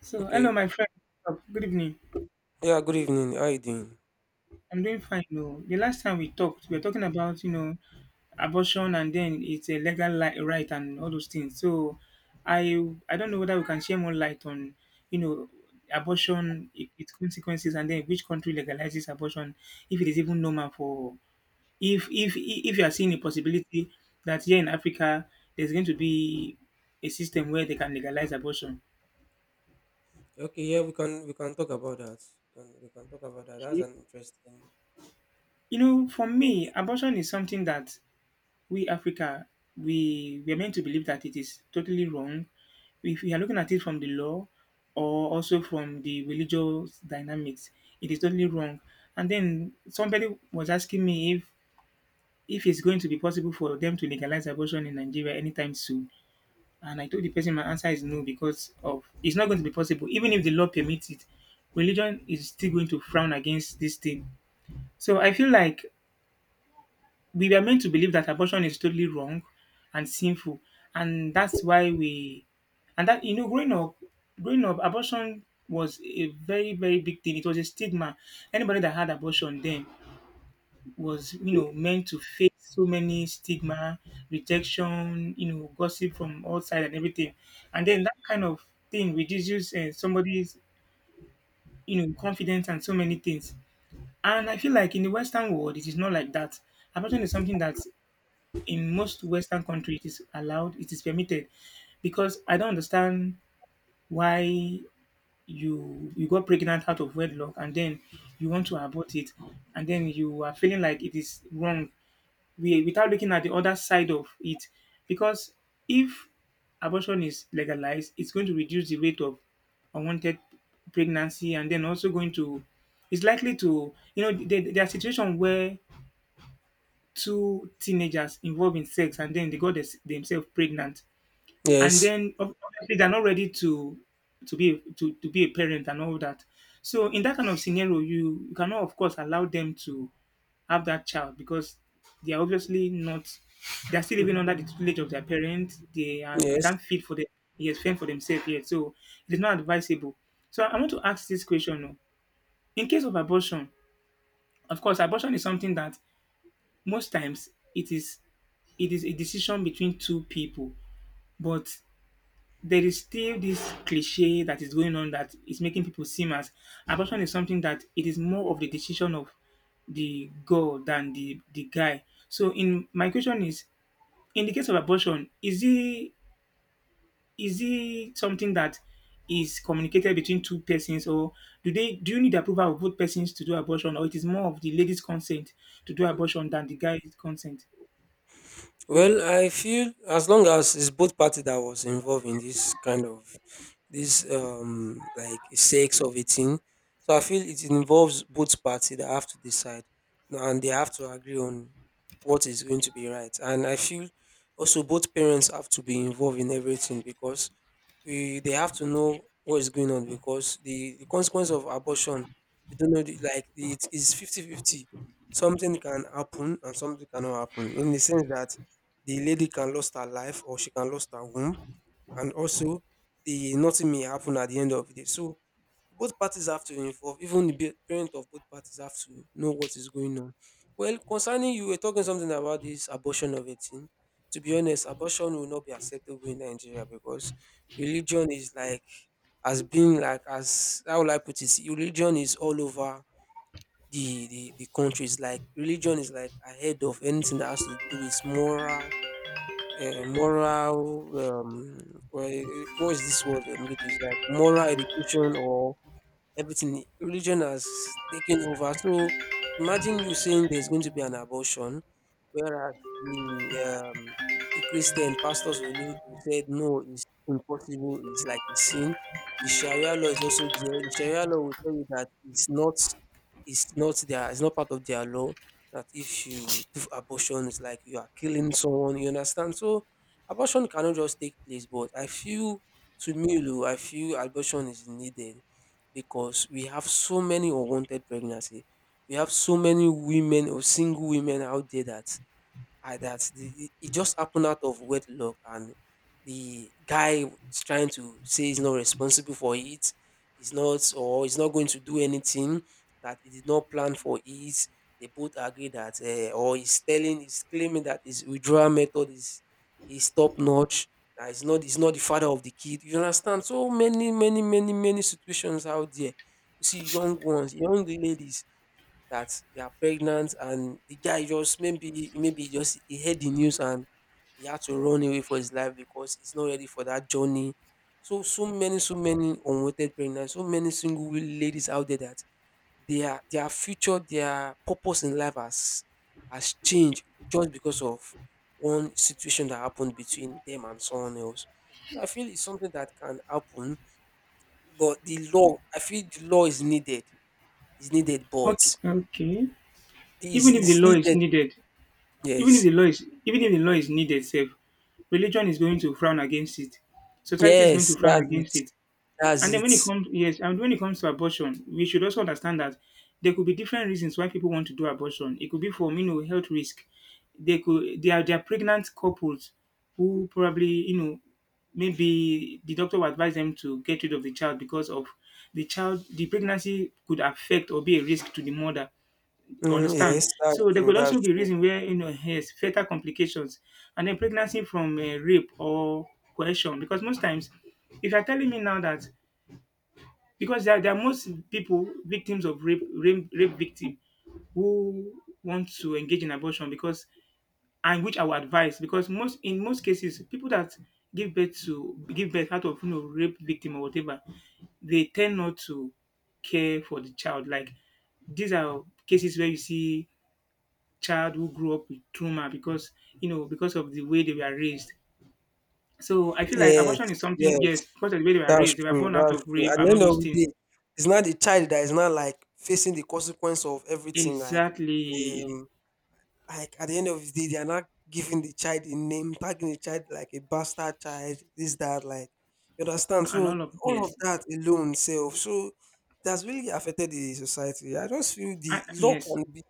So, hello, Okay. my friend. Good evening. Yeah, good evening. How you doing? I'm doing fine. No, the last time we talked, we were talking about abortion, and then it's a right and all those things. So, I I don't know whether we can share more light on you know abortion, its consequences, and then which country legalizes abortion, if it is even normal for if you are seeing a possibility that here in Africa there's going to be a system where they can legalize abortion. Okay, yeah, we can talk about that. We can talk about that. That's an interesting You know, for me, topic. abortion is something that we Africa, we are meant to believe that it is totally wrong. If we are looking at it from the law or also from the religious dynamics, it is totally wrong. And then somebody was asking me if it's going to be possible for them to legalize abortion in Nigeria anytime soon. And I told the person my answer is no, because of it's not going to be possible. Even if the law permits it, religion is still going to frown against this thing. So I feel like we were meant to believe that abortion is totally wrong and sinful, and that's why we and that growing up, abortion was a very very big thing. It was a stigma. Anybody that had abortion then was meant to face so many stigma, rejection, you know, gossip from all sides and everything, and then that kind of thing reduces somebody's confidence and so many things. And I feel like in the Western world, it is not like that. Abortion is something that in most Western countries, it is allowed, it is permitted, because I don't understand why you got pregnant out of wedlock and then you want to abort it, and then you are feeling like it is wrong, we, without looking at the other side of it, because if abortion is legalized, it's going to reduce the rate of unwanted pregnancy, and then also going to, it's likely to, you know, there are situations where two teenagers involved in sex and then they got themselves pregnant and Yes. then obviously they're not ready to to be a parent and all that. So in that kind of scenario, you cannot of course allow them to have that child, because they are obviously not, they are still living under the tutelage of their parents. They are, they Yes. can't feed for them, yes, fend for themselves yet. So it is not advisable. So I want to ask this question now. In case of abortion, of course abortion is something that most times it is it is a decision between two people, but there is still this cliche that is going on that is making people seem as abortion is something that it is more of the decision of the girl than the guy. So in my question is, in the case of abortion, is it something that is communicated between two persons, or do you need the approval of both persons to do abortion, or it is more of the lady's consent to do abortion than the guy's consent? Well, I feel as long as it's both party that was involved in this kind of this like sex of a thing. So I feel it involves both party that have to decide no, and they have to agree on what is going to be right. And I feel also both parents have to be involved in everything because we they have to know what is going on because the consequence of abortion we don't know like it is 50/50, something can happen and something cannot happen in the sense that the lady can lose her life or she can lose her womb, and also the nothing may happen at the end of the day. So both parties have to involve. Even the parent of both parties have to know what is going on. Well, concerning you were talking something about this abortion of a teen. To be honest, abortion will not be acceptable in Nigeria because religion is like, has been like, as how will I put it? Religion is all over the country. It's like religion is like ahead of anything that has to do with moral. Moral, well, what is this word, it is like moral education or everything. Religion has taken over. So imagine you saying there's going to be an abortion, whereas the um the Christian pastors will said no, it's impossible, it's like a sin. The sharia law is also there. The sharia law will tell you that it's not their, it's not part of their law, that if you do abortion it's like you are killing someone. You understand? So abortion cannot just take place, but I feel, to me, Lou, I feel abortion is needed because we have so many unwanted pregnancy. We have so many women or single women out there that I that the it it just happened out of wedlock and the guy is trying to say he's not responsible for it, he's not, or he's not going to do anything, that he did not plan for it. They both agree that, or he's telling, he's claiming that his withdrawal method is top notch. That he's not the father of the kid. You understand? So many, many, many, many situations out there. You see young ones, young ladies, that they are pregnant and the guy just, maybe he just, he heard the news and he had to run away for his life because he's not ready for that journey. So so many unwanted pregnancies, so many single ladies out there that their future, their purpose in life has changed just because of one situation that happened between them and someone else. So I feel it's something that can happen, but the law, I feel the law is needed. Is needed, Okay, but okay. is Even if the is law is needed. needed, Yes. Even if the law is needed self, religion is going to frown against it. Society is going to Yes, frown that's it. against it. That's And then when it it. comes, yes, and when it comes to abortion, we should also understand that there could be different reasons why people want to do abortion. It could be for health risk. They are pregnant couples who probably, you know, maybe the doctor will advise them to get rid of the child because of the pregnancy could affect or be a risk to the mother, Mm, understand. yes, that's So there true, could also that's be true. reason where has fetal complications, and then pregnancy from rape or coercion. Because most times, if you're telling me now that because there are most people victims of rape, rape victim who want to engage in abortion, because and which I would advise, because most in most cases people that give birth out of rape victim or whatever, they tend not to care for the child. Like, these are cases where you see child who grew up with trauma because because of the way they were raised. So I feel like Yes, abortion is yes, something, yes, because of the way they were that's raised. They were true, born out that's of true. rape At the and all end those of the things. day, it's not the child that is not, like, facing the consequence of everything. Like, Exactly, um, like, at the end of the day, they are not giving the child a name, tagging the child like a bastard child, this, that, like, you understand? and all So of, all of yes, that alone self. So that's really affected the society. I just feel the I, law yes, can be.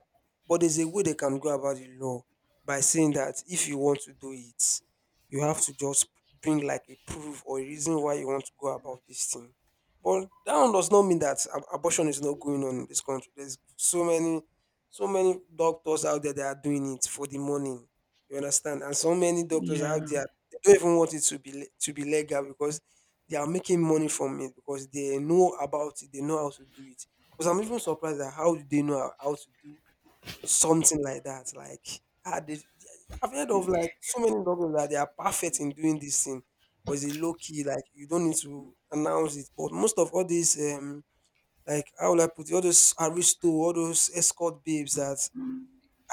But there's a way they can go about the law by saying that if you want to do it, you have to just bring like a proof or a reason why you want to go about this thing. But that one does not mean that abortion is not going on in this country. There's so many, so many doctors out there that are doing it for the money. You understand? And so many doctors out yeah. there, they don't even want it to be legal because they are making money from it, because they know about it. They know how to do it. Because I'm even surprised at how do they know how to do something like that. Like, ah, they, I've heard of like so many doctors that they are perfect in doing this thing, but it's a low key. Like, you don't need to announce it. But most of all these, like how will I put it, all those aristo, all those escort babes that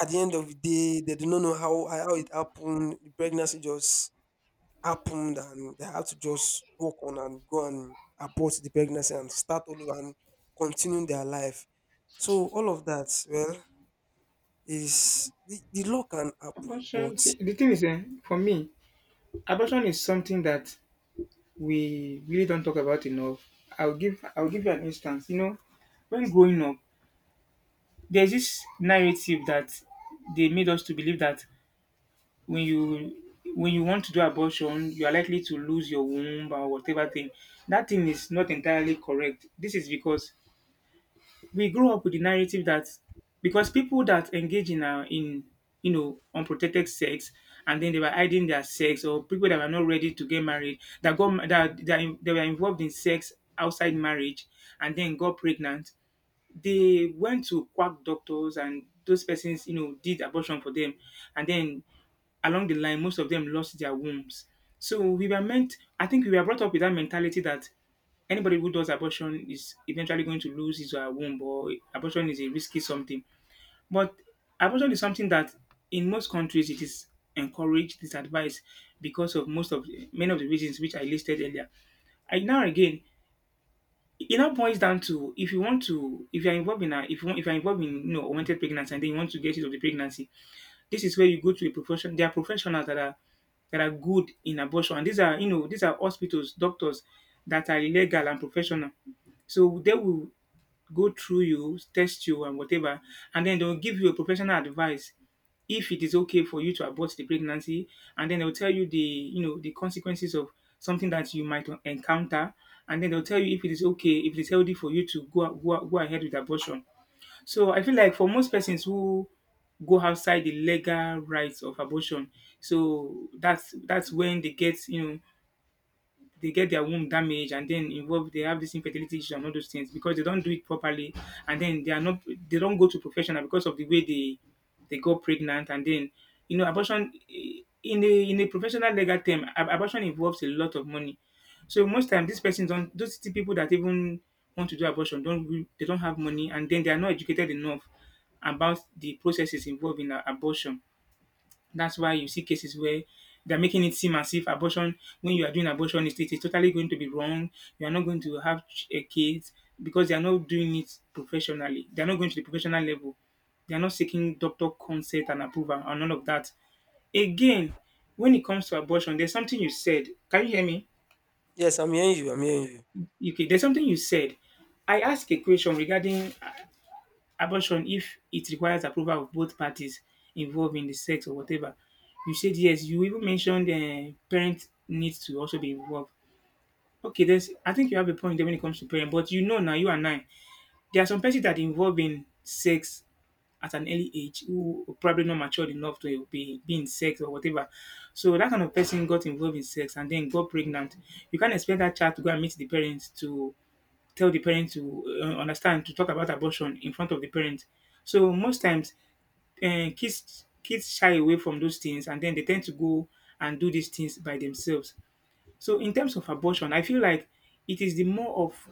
at the end of the day, they do not know how it happened. The pregnancy just happened, and they have to just walk on and go and abort the pregnancy and start all over and continue their life. So all of that, well. Is the law can happen, but Abortion. See, the thing is, eh, for me, abortion is something that we really don't talk about enough. I'll give you an instance. You know, when growing up, there's this narrative that they made us to believe that when you, when you want to do abortion, you are likely to lose your womb or whatever thing. That thing is not entirely correct. This is because we grew up with the narrative that because people that engage in unprotected sex, and then they were hiding their sex, or people that were not ready to get married that that they were involved in sex outside marriage and then got pregnant, they went to quack doctors and those persons, you know, did abortion for them. And then along the line, most of them lost their wombs. So we were meant, I think we were brought up with that mentality that anybody who does abortion is eventually going to lose his or her womb, or abortion is a risky something. But abortion is something that in most countries it is encouraged, it is advised, because of most of many of the reasons which I listed earlier. And now again, it now boils down to if you want to if you're involved in a if you want, if you're involved in unwanted pregnancy and then you want to get rid of the pregnancy, this is where you go to a profession. There are professionals that are good in abortion. And these are these are hospitals, doctors that are legal and professional. So they will go through you, test you and whatever, and then they'll give you a professional advice if it is okay for you to abort the pregnancy, and then they'll tell you the the consequences of something that you might encounter, and then they'll tell you if it is okay, if it is healthy for you to go ahead with abortion. So I feel like for most persons who go outside the legal rights of abortion, so that's when they get they get their womb damaged, and then involved they have this infertility issues and all those things, because they don't do it properly, and then they are not they don't go to professional because of the way they got pregnant, and then abortion, eh, in a professional legal term abortion involves a lot of money. So most time these persons don't those people that even want to do abortion don't re- they don't have money, and then they are not educated enough about the processes involved in abortion. That's why you see cases where they're making it seem as if abortion, when you are doing abortion, it is totally going to be wrong. You are not going to have a kid, because they are not doing it professionally. They are not going to the professional level. They are not seeking doctor consent and approval and all of that. Again, when it comes to abortion, there's something you said. Can you hear me? yes, I'm hearing you. I'm hearing you. Okay, there's something you said. I asked a question regarding abortion, if it requires approval of both parties involved in the sex or whatever, you said yes. You even mentioned parents need to also be involved. Okay, there's. I think you have a point there when it comes to parents, but you know now you and I, there are some persons that involve in sex at an early age who are probably not matured enough to be in sex or whatever. So that kind of person got involved in sex and then got pregnant. You can't expect that child to go and meet the parents to tell the parents to understand to talk about abortion in front of the parents. So most times, kids shy away from those things, and then they tend to go and do these things by themselves. So in terms of abortion, I feel like it is the more of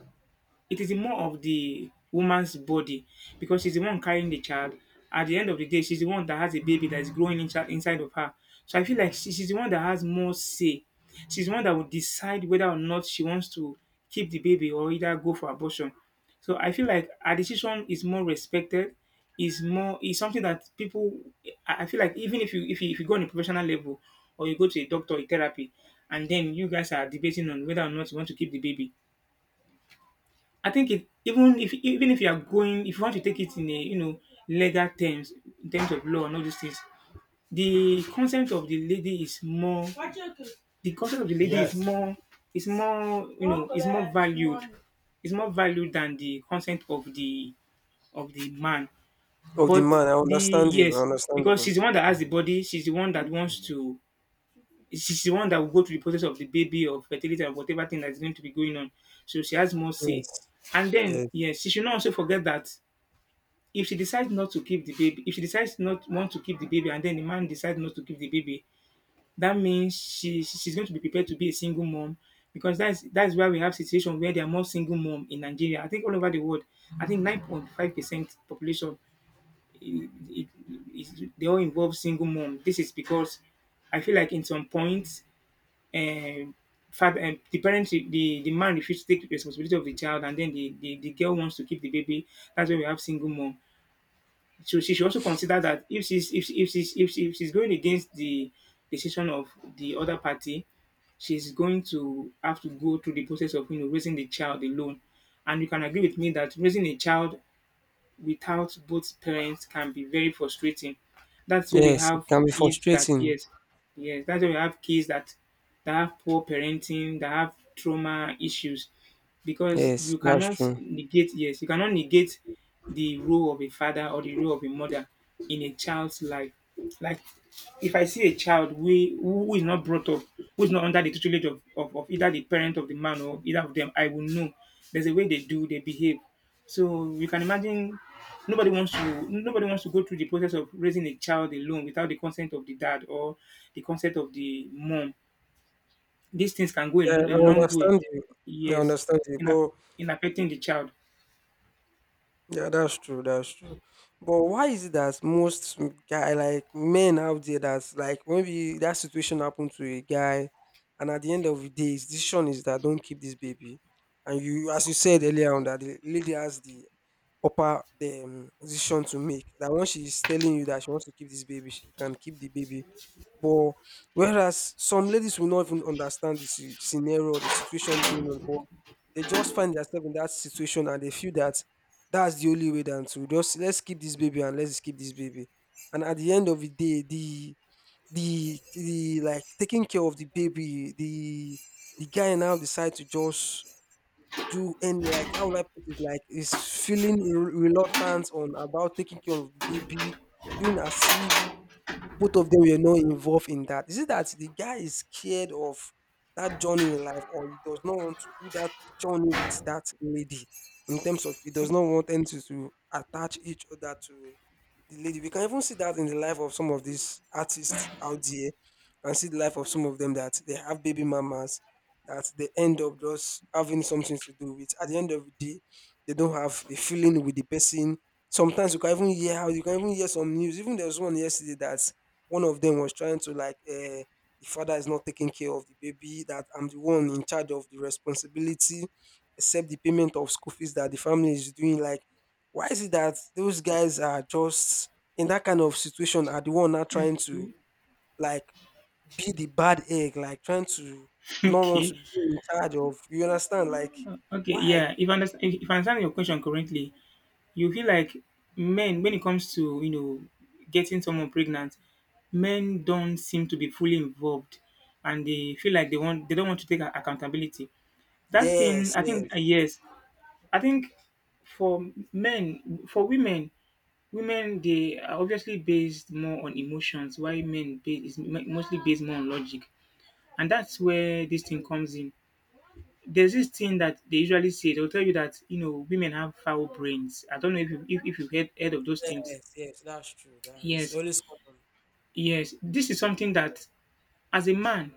it is more of the woman's body, because she's the one carrying the child. At the end of the day, she's the one that has a baby that is growing inside of her. So I feel like she's the one that has more say. She's the one that will decide whether or not she wants to keep the baby or either go for abortion. So I feel like her decision is more respected, is more is something that people. I feel like even if you go on a professional level or you go to a doctor, a therapy, and then you guys are debating on whether or not you want to keep the baby, I think it, even if you are going if you want to take it in a legal terms, in terms of law and all these things, the consent of the lady is more, the consent of the lady is, yes, more, is more, is more valued. It's more valued than the consent of the man. Oh, the But man, I the understand you. I yes, understand because she's you. the one that has the body, she's the one that will go through the process of the baby of fertility and whatever thing that's going to be going on. So she has more say. Yes, And then, yes, yes, she should not also forget that if she decides not want to keep the baby, and then the man decides not to keep the baby, that means she's going to be prepared to be a single mom, because that's why we have situation where there are more single mom in Nigeria. I think all over the world, I think 9.5% population, it, it, it, they all involve single mom. This is because I feel like in some points, um, father and the parents, the man refuses to take responsibility of the child, and then the girl wants to keep the baby. That's why we have single mom. So she should also consider that, if she's going against the decision of the other party, she's going to have to go through the process of raising the child alone. And you can agree with me that raising a child without both parents can be very frustrating. That's where we yes. It have can be kids that, frustrating. yes, yes, that's where we have kids that have poor parenting, that have trauma issues. Because Yes, you that's cannot true. negate, yes, you cannot negate the role of a father or the role of a mother in a child's life. Like, if I see a child who is not brought up, who is not under the tutelage of either the parent of the man or either of them, I will know. There's a way they behave. So you can imagine, nobody wants to go through the process of raising a child alone without the consent of the dad or the consent of the mom. These things can go a, Yeah, a I long way, understand you. I yes, understand you, in, aff- but in affecting the child. yeah, that's true. That's true. But why is it that most m- guy like men out there that's like, maybe that situation happened to a guy, and at the end of the day, his decision is that don't keep this baby, and you, as you said earlier on, that the lady has the upper, the decision to make. That once she's telling you that she wants to keep this baby, she can keep the baby, but whereas some ladies will not even understand the scenario or the situation going on, but they just find themselves in that situation and they feel that's the only way than to just, let's keep this baby and let's keep this baby. And at the end of the day, the like taking care of the baby, the guy now decide to just do, and like, how would I put it? Like, is feeling reluctant on about taking care of the baby, doing as if both of them were not involved in that. Is it that the guy is scared of that journey in life, or he does not want to do that journey with that lady? In terms of he does not want them to, attach each other to the lady. We can even see that in the life of some of these artists out there. You can see the life of some of them that they have baby mamas that they end up just having something to do with. At the end of the day, they don't have a feeling with the person. Sometimes you can even hear some news. Even there was one yesterday that one of them was trying to, like, the father is not taking care of the baby. That I'm the one in charge of the responsibility, except the payment of school fees that the family is doing. Like, why is it that those guys are just in that kind of situation, are the one not trying to, Okay, like, be the bad egg, like trying to not want to okay. be in charge of, you understand? Like, Okay. why? Yeah, if I understand your question correctly, you feel like men, when it comes to getting someone pregnant, men don't seem to be fully involved, and they feel like they don't want to take accountability. That thing, Yes, I think, yes. yes, I think for men, for women, women they are obviously based more on emotions, while men based, is mostly based more on logic, and that's where this thing comes in. There's this thing that they usually say. They'll tell you that women have foul brains. I don't know if you've heard of those things. Yes, yes, that's true. That it's Yes, always common. yes. This is something that, as a man,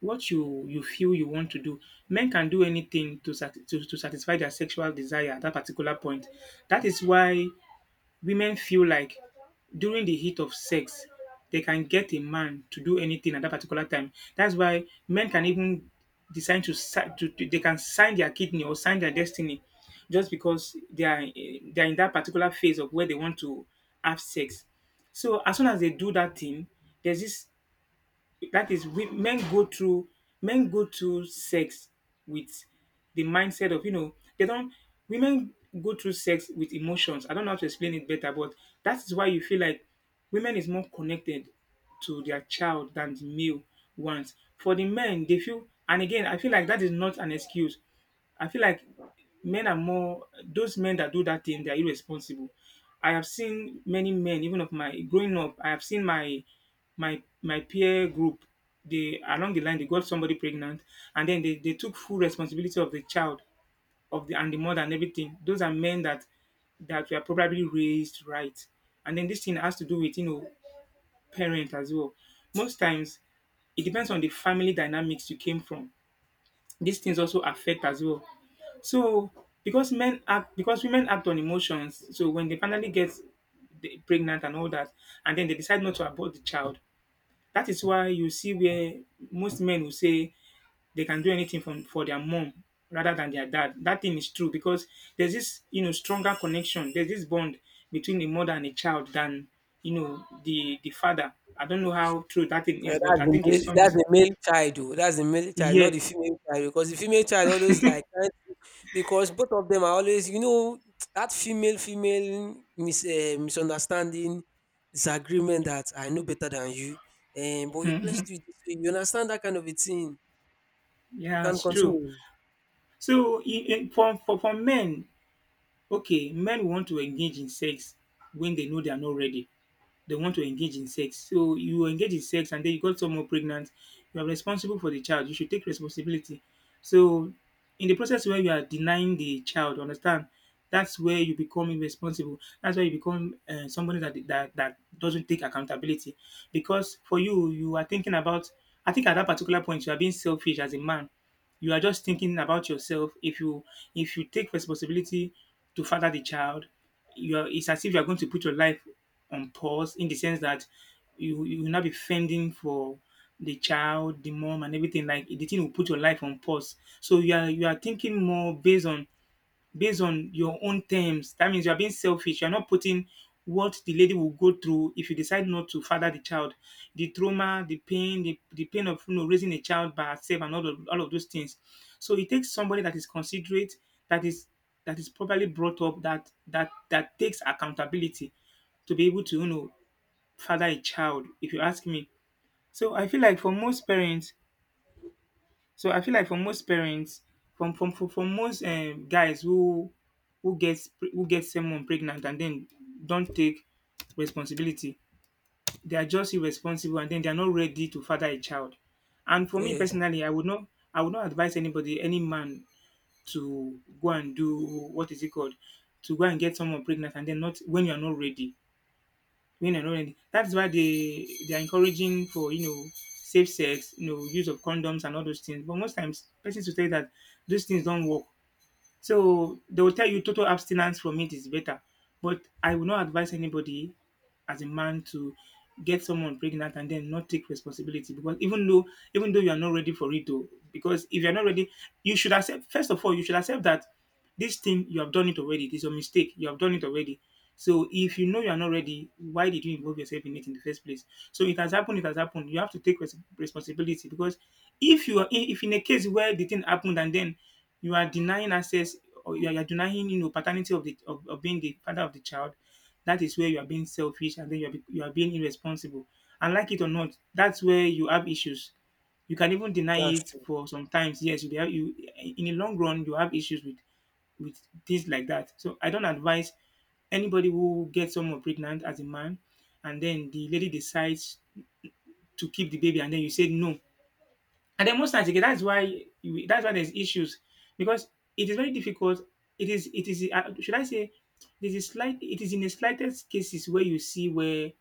what you feel you want to do. Men can do anything to satisfy their sexual desire at that particular point. That is why women feel like during the heat of sex, they can get a man to do anything at that particular time. That's why men can even decide to si to they can sign their kidney or sign their destiny, just because they are in that particular phase of where they want to have sex. So as soon as they do that thing, there's this, that is we, men go through sex with the mindset of they don't. Women go through sex with emotions. I don't know how to explain it better, but that is why you feel like women is more connected to their child than the male ones. For the men, they feel, and again, I feel like that is not an excuse. I feel like men are more — those men that do that thing, they are irresponsible. I have seen many men. Even of my growing up, I have seen my my peer group. They, along the line, they got somebody pregnant, and then they took full responsibility of the child, of the, and the mother, and everything. Those are men that were probably raised right, and then this thing has to do with parent as well. Most times, it depends on the family dynamics you came from. These things also affect as well. So, because women act on emotions, so when they finally get pregnant and all that, and then they decide not to abort the child, that is why you see where most men will say they can do anything for their mom rather than their dad. That thing is true, because there's this stronger connection. There's this bond between a mother and a child than the father. I don't know how true that thing Yeah, is, but I think it's that's something. the male child, though. That's the male child, not Yeah, the female child, because the female child always, like, because both of them are always, that misunderstanding, disagreement, that I know better than you, and but you, let's do it this way. You understand that kind of a thing. You yeah, can it's true. continue. So, for men, okay, men want to engage in sex when they know they are not ready. They want to engage in sex. So you engage in sex and then you got someone pregnant, you are responsible for the child. You should take responsibility. So, in the process where you are denying the child, understand, that's where you become irresponsible. That's where you become somebody that, that doesn't take accountability. Because for you, you are thinking about. I think at that particular point, you are being selfish as a man. You are just thinking about yourself. If you take responsibility to father the child, it's as if you are going to put your life on pause, in the sense that you will not be fending for the child, the mom, and everything. Like, the thing will put your life on pause. So you are thinking more based on your own terms. That means you are being selfish. You're not putting what the lady will go through if you decide not to father the child, the trauma, the pain, the pain of raising a child by herself, and all of those things. So it takes somebody that is considerate, that is properly brought up, that takes accountability to be able to father a child, if you ask me. So I feel like for most parents, so I feel like for most parents, from from most guys who gets who get someone pregnant and then don't take responsibility, they are just irresponsible, and then they are not ready to father a child. And for me Yes. personally, I would not advise anybody, any man, to go and do, what is it called, to go and get someone pregnant and then not, when you are not ready, women and all that. That's why they're encouraging for safe sex, use of condoms and all those things. But most times, persons will tell you that those things don't work. So they will tell you total abstinence from it is better. But I will not advise anybody as a man to get someone pregnant and then not take responsibility, because even though you are not ready for it though, because if you're not ready you should accept. First of all, you should accept that this thing, you have done it already, it is a mistake, you have done it already. So if you know you are not ready, why did you involve yourself in it in the first place? So it has happened. It has happened. You have to take responsibility because if you are I- if in a case where the thing happened and then you are denying access, or you are denying paternity of of being the father of the child. That is where you are being selfish and then you are being irresponsible. And like it or not, that's where you have issues. You can even deny That's it true. for some times, yes, you in the long run you have issues with things like that. So I don't advise anybody who gets someone pregnant as a man, and then the lady decides to keep the baby, and then you say no. And then most times again, that's why that's why there's issues, because it is very difficult. It is should I say, there's a slight it is in the slightest cases where you see where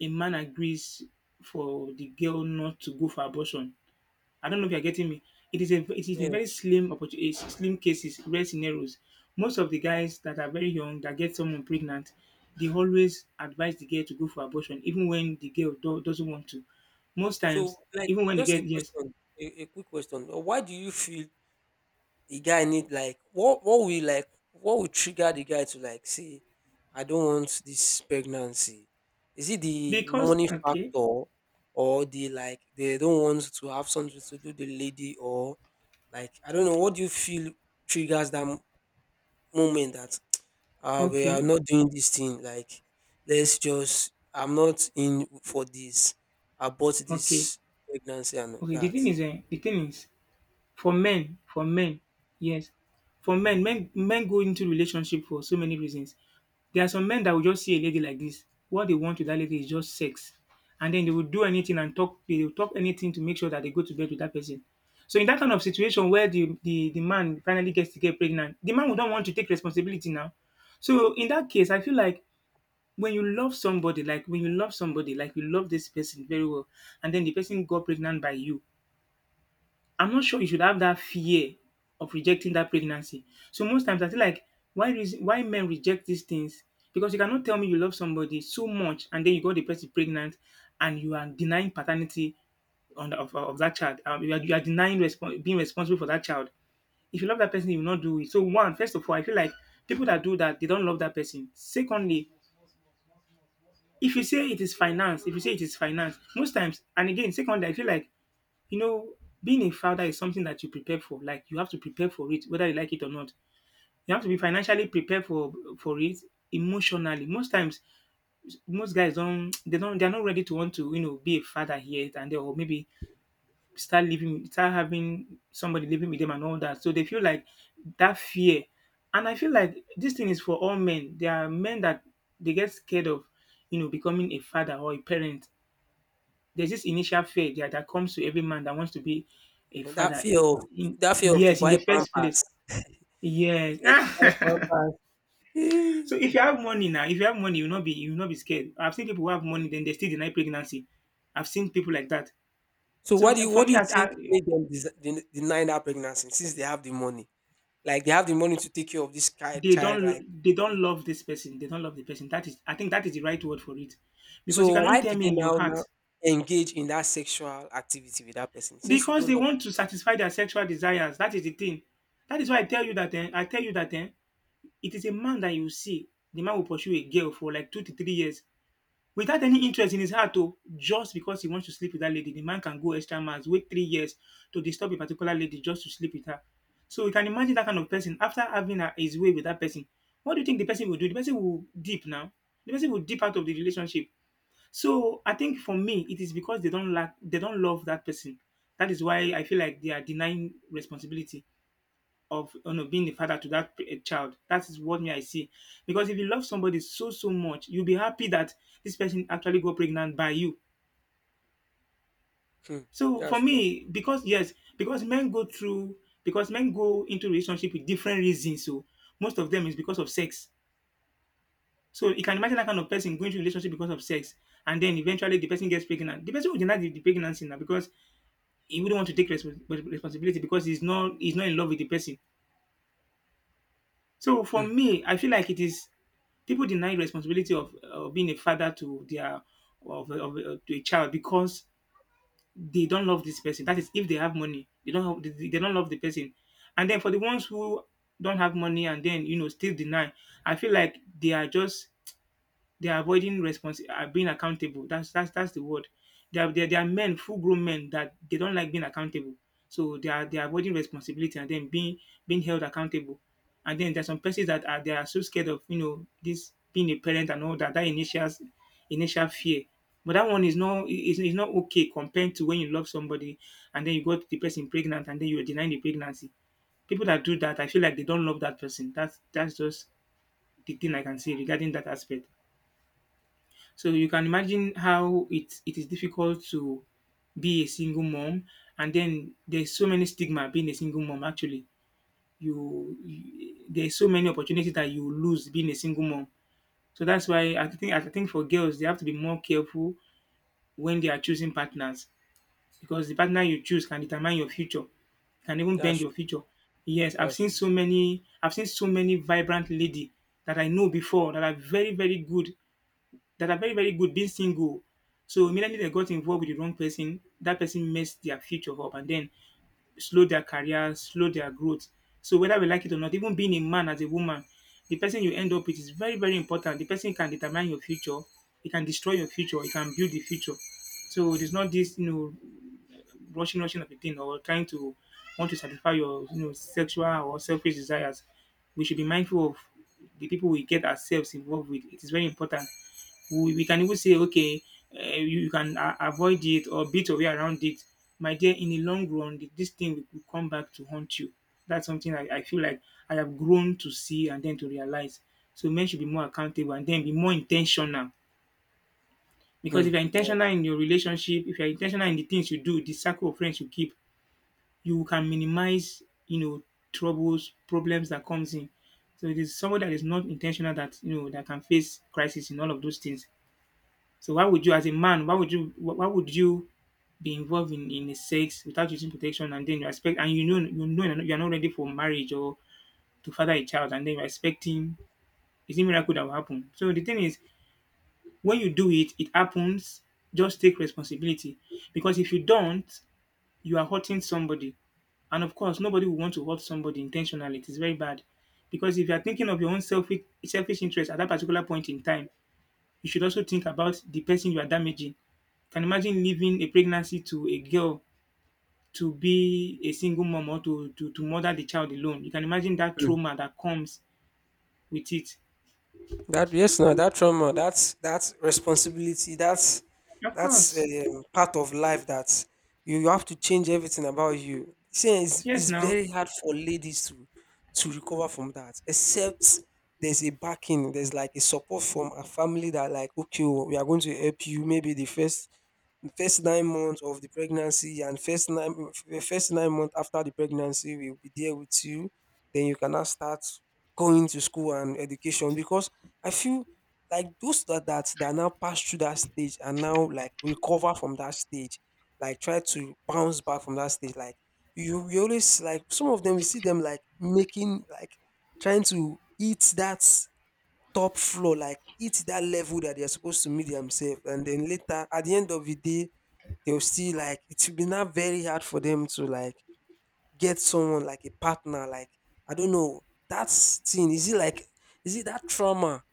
a man agrees for the girl not to go for abortion. I don't know if you're getting me. It is a Yes. very slim opportunity, slim cases, rare scenarios. Most of the guys that are very young that get someone pregnant, they always advise the girl to go for abortion, even when the girl doesn't want to. Most So, times, like, even when the just girl, a yes, question, a quick question. Why do you feel the guy need, like, what? What will like What will trigger the guy to like say, I don't want this pregnancy? Is it the because money okay, factor, or the, like, they don't want to have something to do with the lady, or, like, I don't know? What do you feel triggers that moment that, we are okay, not doing this thing, like, let's just, I'm not in for this, I bought okay, this pregnancy, and okay. That. The thing is, for men, for men, yes, for men, men go into relationship for so many reasons. There are some men that will just see a lady like this; what they want with that lady is just sex, and then they will do anything and talk they will talk anything to make sure that they go to bed with that person. So in that kind of situation where the man finally gets to get pregnant, the man would not want to take responsibility now. So in that case, I feel like when you love somebody, like you love this person very well, and then the person got pregnant by you, I'm not sure you should have that fear of rejecting that pregnancy. So most times I feel like why reason why men reject these things, because you cannot tell me you love somebody so much and then you got the person pregnant and you are denying paternity on of that child. You are denying respon being responsible for that child. If you love that person, you will not do it. So, one, first of all, I feel like people that do that, they don't love that person. Secondly, if you say it is finance, if you say it is finance, most times, and again, secondly, I feel like, you know, being a father is something that you prepare for. Like, you have to prepare for it, whether you like it or not. You have to be financially prepared for it, emotionally. Most times, most guys don't they don't they're not ready to want to be a father yet, and they, or maybe, start living, start having somebody living with them and all that. So they feel like that fear, and I feel like this thing is for all men. There are men that they get scared of, you know, becoming a father or a parent. There's this initial fear that comes to every man that wants to be a And that father. Fear of to Yes, in buy the first place. pampers, Yes. fear to buy pampers. So Eh. if you have money now, if you have money, you'll not be scared. I've seen people who have money, then they still deny pregnancy. I've seen people like that. So what So do you, for me, think made them deny that pregnancy since they have the money, like they have the money to take care of this they child, like, don't okay. love this person. They don't love the person. That is, I think that is the right word for it, because you So why cannot tell did me they in your now heart, now engage in that sexual activity with that person, since you because don't they love want this to person? satisfy their sexual desires. That is the thing. That is why I tell you that. Eh, I tell you that. It is a man that you see, the man will pursue a girl for like 2 to 3 years without any interest in his heart, oh, just because he wants to sleep with that lady. The man can go extra miles, wait 3 years to disturb a particular lady just to sleep with her. So you can imagine that kind of person after having her his way with that person. What do you think the person will do? The person will dip now. The person will dip out of the relationship. So I think for me, it is because they don't love that person. That is why I feel like they are denying responsibility of being the father to that child. That is what me I see. Because if you love somebody so much, you'll be happy that this person actually got pregnant by you. Hmm, So for that's true. me, because men go into relationship with different reasons. So most of them is because of sex. So you can imagine that kind of person going to relationship because of sex, and then eventually the person gets pregnant. The person will deny the pregnancy now because he wouldn't want to take responsibility, because he's not in love with the person. So for Hmm, me, I feel like it is people deny responsibility of being a father to their of to a child because they don't love this person. That is, if they have money, they don't love the person. And then for the ones who don't have money and then still deny, I feel like they are just they are avoiding responsi being accountable. That's the word. There are there, there are men, full grown men, that they don't like being accountable. So they are avoiding responsibility and then being held accountable. And then there's some persons that are they are so scared of, you know, this being a parent and all that, that initial fear. But that one is not is, is, not okay compared to when you love somebody and then you got the person pregnant and then you are denying the pregnancy. People that do that, I feel like they don't love that person. That's just the thing I can say regarding that aspect. So you can imagine how it is difficult to be a single mom, and then there's so many stigma being a single mom. Actually, you there's so many opportunities that you lose being a single mom. So that's why I think for girls they have to be more careful when they are choosing partners, because the partner you choose can determine your future, can even that's bend your true. future. Yes, That's I've seen so many vibrant lady that I know before, that are very, very good being single. So immediately they got involved with the wrong person, that person messed their future up and then slowed their career, slowed their growth. So whether we like it or not, even being a man as a woman, the person you end up with is very, very important. The person can determine your future, it can destroy your future, it can build the future. So it is not this, you know, rushing, rushing of a thing, or trying to want to satisfy your, you know, sexual or selfish desires. We should be mindful of the people we get ourselves involved with. It is very important. We can even say, okay, you can avoid it or beat your way around it. My dear, in the long run, this thing will come back to haunt you. That's something I feel like I have grown to see and then to realize. So men should be more accountable and then be more intentional. Because Hmm. if you're intentional Yes. in your relationship, if you're intentional in the things you do, the circle of friends you keep, you can minimize, you know, troubles, problems that comes in. So it is someone that is not intentional, that, you know, that can face crisis in all of those things. So why would you as a man, why would you be involved in a sex without using protection, and then you expect, and you know you're not ready for marriage or to father a child, and then you're expecting, is it miracle that will happen? So the thing is, when you do it, it happens, just take responsibility. Because if you don't, you are hurting somebody. And of course, nobody will want to hurt somebody intentionally. It is very bad. Because if you are thinking of your own selfish interest at that particular point in time, you should also think about the person you are damaging. Can imagine leaving a pregnancy to a girl to be a single mom, or to, to mother the child alone. You can imagine that Hmm. trauma that comes with it. That, yes, no, that trauma, that's responsibility. That's Of that's course. um, part of life, that you have to change everything about you. See, it's, Yes, it's now. very hard for ladies to recover from that, except there's a backing, there's like a support from a family that like, okay, oh, we are going to help you. Maybe the first 9 months of the pregnancy, and first nine the first 9 months after the pregnancy will be there with you. Then you cannot start going to school and education because I feel like those that, now pass through that stage, and now, like, recover from that stage, like, try to bounce back from that stage, like, you always, like, some of them, you see them, like, making, like, trying to eat that top floor, like hit that level that they're supposed to meet themselves. And then later, at the end of the day, they'll see, like, it will be now very hard for them to like get someone like a partner. Like, I don't know that thing. Is it like, is it that trauma?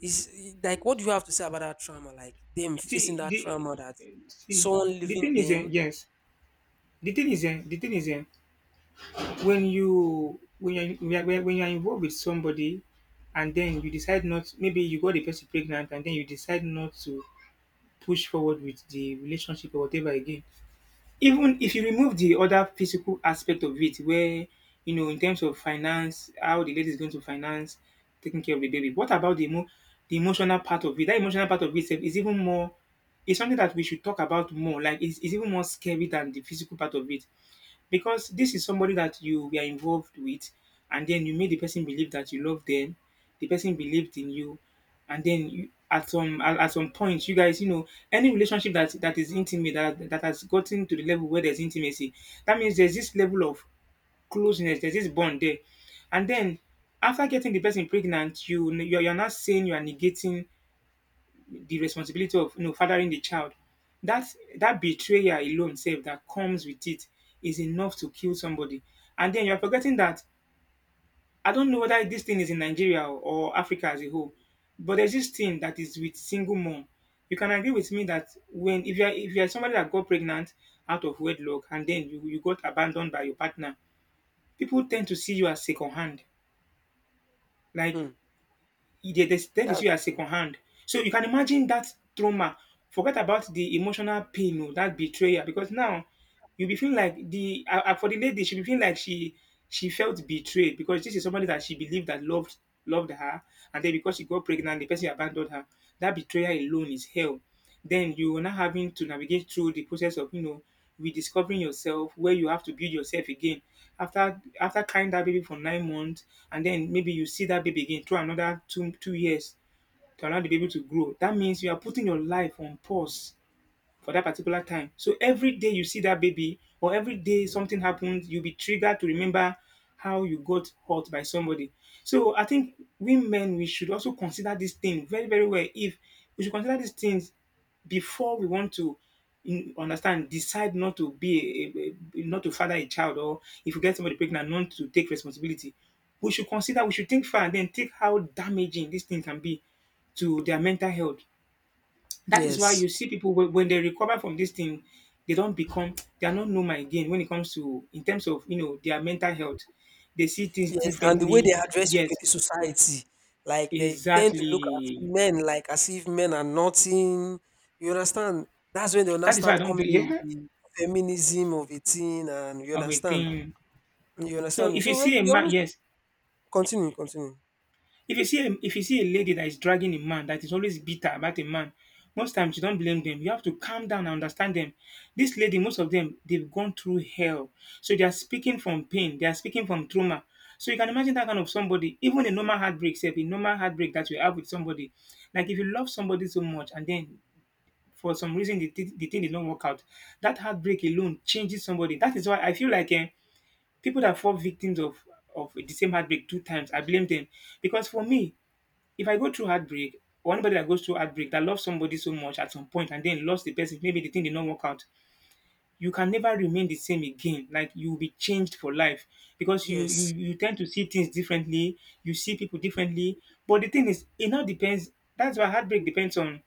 Is, like, what do you have to say about that trauma? Like them facing See, that the, trauma that see, someone the leaving thing is, them. yes. The thing is, eh, the thing is, eh, When you're involved with somebody, and then you decide not, maybe you got the person pregnant, and then you decide not to push forward with the relationship or whatever again. Even if you remove the other physical aspect of it, where, you know, in terms of finance, how the lady is going to finance taking care of the baby. What about the emotional part of it? That emotional part of itself is even more. It's something that we should talk about more. It's even more scary than the physical part of it, because this is somebody that you were involved with, and then you made the person believe that you love them, the person believed in you, and then you at some point, you guys, you know, any relationship that is intimate, that has gotten to the level where there's intimacy, that means there's this level of closeness, there's this bond there. And then, after getting the person pregnant, you're not saying, you are negating the responsibility of, you know, fathering the child. That, that betrayal alone self that comes with it is enough to kill somebody. And then you're forgetting that, I don't know whether this thing is in Nigeria or Africa as a whole, but there's this thing that is with single mom you can agree with me that when, if you're somebody that got pregnant out of wedlock, and then you got abandoned by your partner, people tend to see you as second hand. Like, Hmm, they that's see you as true. second hand. So you can imagine that trauma. Forget about the emotional pain, oh, that betrayal, because now you'll be feeling like the for the lady, she'll be feeling like she felt betrayed, because this is somebody that she believed, that loved her, and then because she got pregnant, the person abandoned her. That betrayal alone is hell. Then you are not having to navigate through the process of, you know, rediscovering yourself, where you have to build yourself again after carrying that baby for 9 months, and then maybe you see that baby again through another two years to allow the baby to grow. That means you are putting your life on pause for that particular time. So every day you see that baby, or every day something happens, you'll be triggered to remember how you got hurt by somebody. So I think we men, we should also consider this thing very, very well. If we should consider these things before we want to, decide not to be a- not to father a child, or if you get somebody pregnant, not to take responsibility. We should consider, we should think far, and then think how damaging this thing can be to their mental health. That is why Yes. you see people, when they recover from this thing, they don't become, they are not normal again when it comes to, in terms of, you know, their mental health. They see things Yes, and the way they differently. address people in Yes, the society, like they tend to look at exactly. men like as if men are nothing. You understand? That's when they'll now That is why I start don't. Be- coming in Yeah, with the feminism of a thing, and you of a understand? thing. You So understand me? if you So when see a we man, always, yes, continue, continue. if you see a lady that is dragging a man, that is always bitter about a man, most times you don't blame them. You have to calm down and understand them. This lady, most of them, they've gone through hell. So they are speaking from pain, they are speaking from trauma. So you can imagine that kind of somebody, even a normal heartbreak, say a normal heartbreak that you have with somebody. Like if you love somebody so much, and then for some reason the thing did not work out, that heartbreak alone changes somebody. That is why I feel like, people that fall victims of the same heartbreak two times, I blame them. Because for me, if I go through heartbreak, or anybody that goes through heartbreak, that loves somebody so much at some point and then lost the person, maybe the thing did not work out, you can never remain the same again. Like, you will be changed for life, because you you Yes, you tend to see things differently, you see people differently. But the thing is, it now depends. That's why heartbreak depends on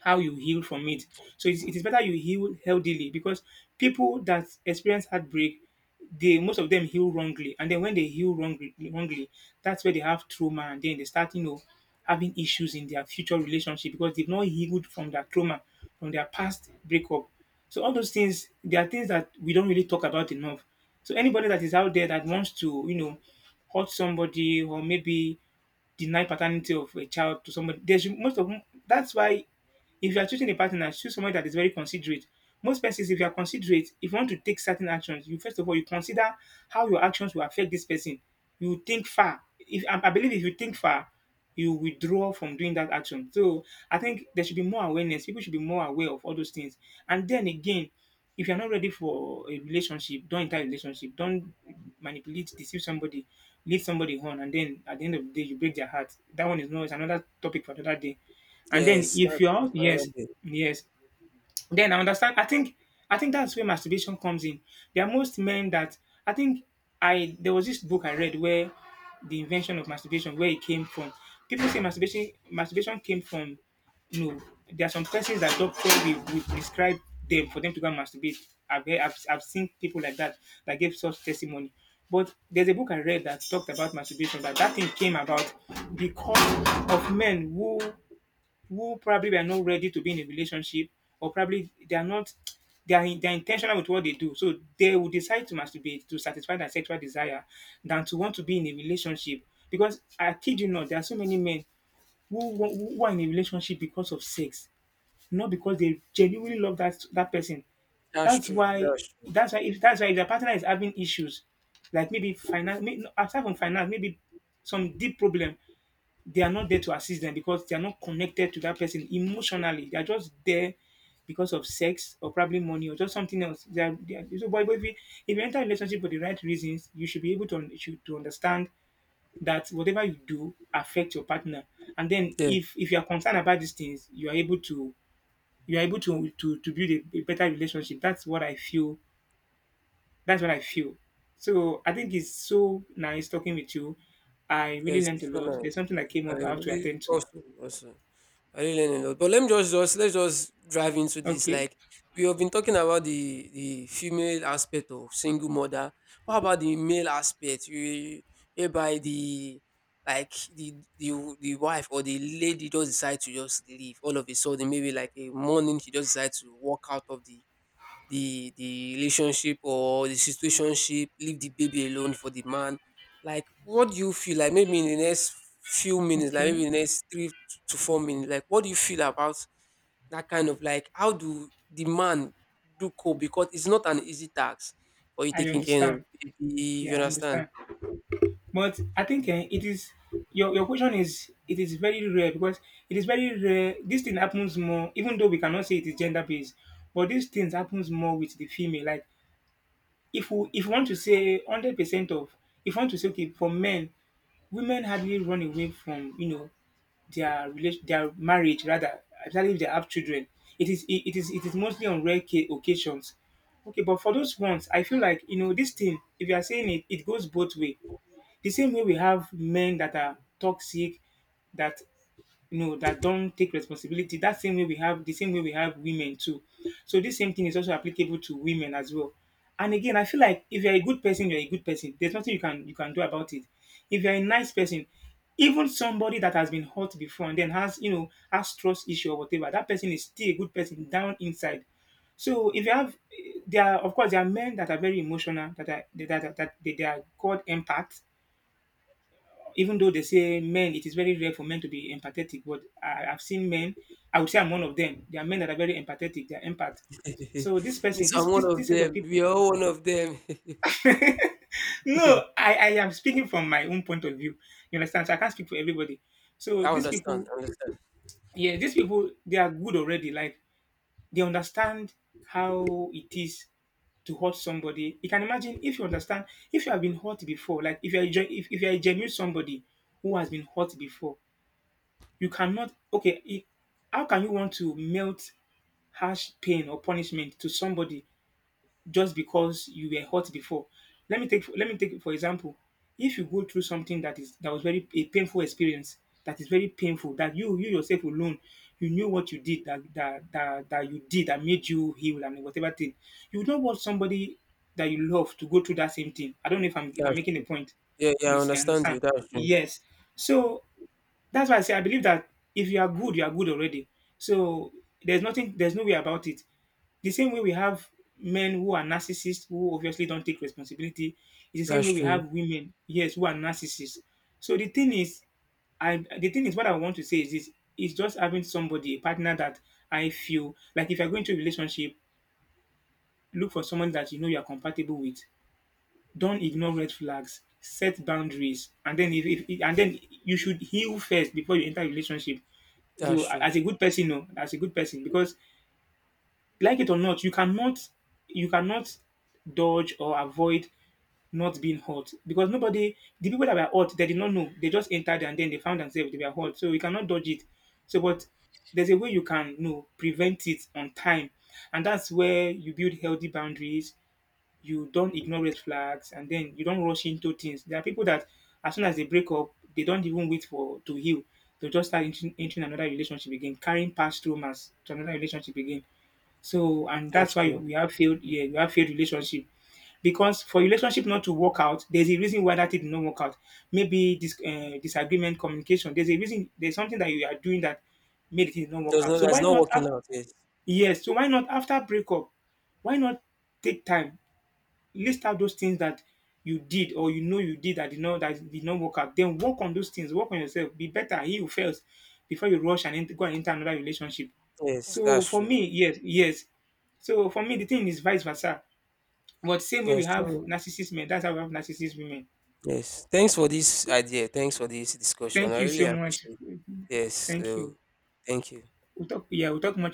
how you heal from it. It is better you heal healthily, because people that experience heartbreak, they, most of them, heal wrongly, and then when they heal wrongly, that's where they have trauma, and then they start, you know, having issues in their future relationship, because they've not healed from their trauma, from their past breakup. So all those things, they are things that we don't really talk about enough. So anybody that is out there that wants to, you know, hurt somebody, or maybe deny paternity of a child to somebody. There's most of That's why, if you are choosing a partner, choose someone that is very considerate. Most persons, if you are considerate, if you want to take certain actions, you first of all you consider how your actions will affect this person. You think far. If I believe, if you think far, you withdraw from doing that action. So I think there should be more awareness. People should be more aware of all those things. And then again, if you're not ready for a relationship, don't enter a relationship. Don't manipulate, deceive somebody, lead somebody on, and then at the end of the day, you break their heart. That one is no, it's another topic for another day. And then yes, if that's you're, another yes, day. yes, then I understand. I think that's where masturbation comes in. There are most men that, I think, I there was this book I read where the invention of masturbation, where it came from. People say masturbation came from, you know, there are some persons that doctor will prescribe them, for them to go and masturbate. I've, heard- I've seen people like that, that gave such testimony. But there's a book I read that talked about masturbation, that that thing came about because of men who probably were not ready to be in a relationship, or probably they are not, they're intentional with what they do. So they will decide to masturbate to satisfy their sexual desire than to want to be in a relationship. Because I kid you not, there are so many men who, who are in a relationship because of sex, not because they genuinely love that person. That's That's true. why That's true. That's why, if their partner is having issues, like maybe finance, aside from finance, maybe some deep problem, they are not there to assist them, because they are not connected to that person emotionally. They are just there because of sex, or probably money, or just something else. They are, so, But if you enter a relationship for the right reasons, you should be able to, to understand that whatever you do affects your partner. And then, Yes, if you are concerned about these things, you are able to to build a better relationship. That's what I feel. That's what I feel. So I think it's so nice talking with you. I really yes, learned a it's so lot. There's nice. something that came I up, I have to really attend to. Also. I really learned a lot. But let me just let's just drive into this. Okay. Like, we have been talking about the female aspect of single mother. What about the male aspect? We whereby the Like the wife or the lady just decide to just leave all of a sudden. Maybe like a morning, she just decides to walk out of the relationship or the situationship, leave the baby alone for the man. Like, what do you feel like? Maybe in the next few minutes, like maybe Okay, in the next 3 to 4 minutes, like, what do you feel about that kind of, like, how do the man do cope? Because it's not an easy task for you I taking care of understand. baby. You Yeah, I understand? understand. But I think, it is, your question is, it is very rare, because it is very rare. This thing happens more, even though we cannot say it is gender based, but these things happens more with the female. Like, if you want to say 100% of, if you want to say okay for men, women hardly run away from, you know, their marriage rather, especially if they have children. It is mostly on rare occasions. Okay, but for those ones, I feel like, you know, this thing. If you are saying it, it goes both way. The same way we have men that are toxic, that you know that don't take responsibility, that same way we have women too. So this same thing is also applicable to women as well. And again, I feel like if you're a good person, you're a good person. There's nothing you can do about it. If you're a nice person, even somebody that has been hurt before and then has, has trust issue or whatever, that person is still a good person down inside. So if you have, there are, of course, there are men that are very emotional, that are they are called empaths. Even though they say men, it is very rare for men to be empathetic, but I've seen men. I would say I'm one of them. There are men that are very empathetic. They are empath. So this person, Miss, this I'm one this of this set of them. people. We are all one of them. No, I am speaking from my own point of view. You understand? So I can't speak for everybody. So I these understand. people, I understand. yeah, these people, they are good already. Like, they understand how it is to hurt somebody. You can imagine, if you understand, if you have been hurt before, like if you are if you are a genuine somebody who has been hurt before, you cannot, how can you want to melt harsh pain or punishment to somebody just because you were hurt before? Let me take for example, if you go through something that was very a painful experience, that is very painful, that you yourself alone, you knew what you did that you did that made you heal and whatever thing, you do not want somebody that you love to go through that same thing. I don't know if I'm That's making a true. point. Yeah, yeah, I Yes, I understand you. understand. That's true. Yes. So that's why I say I believe that if you are good, you are good already. So there's nothing, there's no way about it. The same way we have men who are narcissists, who obviously don't take responsibility, it's the same That's way we true. have women, yes, who are narcissists. So the thing is, I the thing is, what I want to say is this is just having somebody, a partner that, I feel like if you're going to a relationship, look for someone that you know you're compatible with. Don't ignore red flags, set boundaries, and then if and then you should heal first before you enter a relationship. So That's true. as a good person, no, as a good person, because like it or not, you cannot dodge or avoid not being hurt, because nobody, the people that were hurt, they did not know, they just entered and then they found themselves they were hurt, so you cannot dodge it. So but there's a way you can, you know, prevent it on time, and that's where you build healthy boundaries, you don't ignore red flags, and then you don't rush into things. There are people that as soon as they break up, they don't even wait for to heal. They'll just start entering another relationship again, carrying past traumas to another relationship again. So, and That's that's why true. we have failed relationship. Because for relationship not to work out, there's a reason why that it did not work out. Maybe this disagreement, communication. There's a reason. There's something that you are doing that made it not work There's out. no So That's why not not? Working out, yes. Yes. So why not after breakup? Why not take time, list out those things that you did, or you know you did, that did not work out. Then work on those things. Work on yourself. Be better. He who fails before you rush and go and enter another relationship. Yes, So that's for true. me, yes, yes. So for me, the thing is vice versa. But same way we Yes, have so narcissist men, that's how we have narcissist women. yes. Thanks for this idea. Thanks for this discussion. Thank I you really so much. appreciate it. Yes. Thank So you. thank you. We'll talk. Yeah, we'll talk much.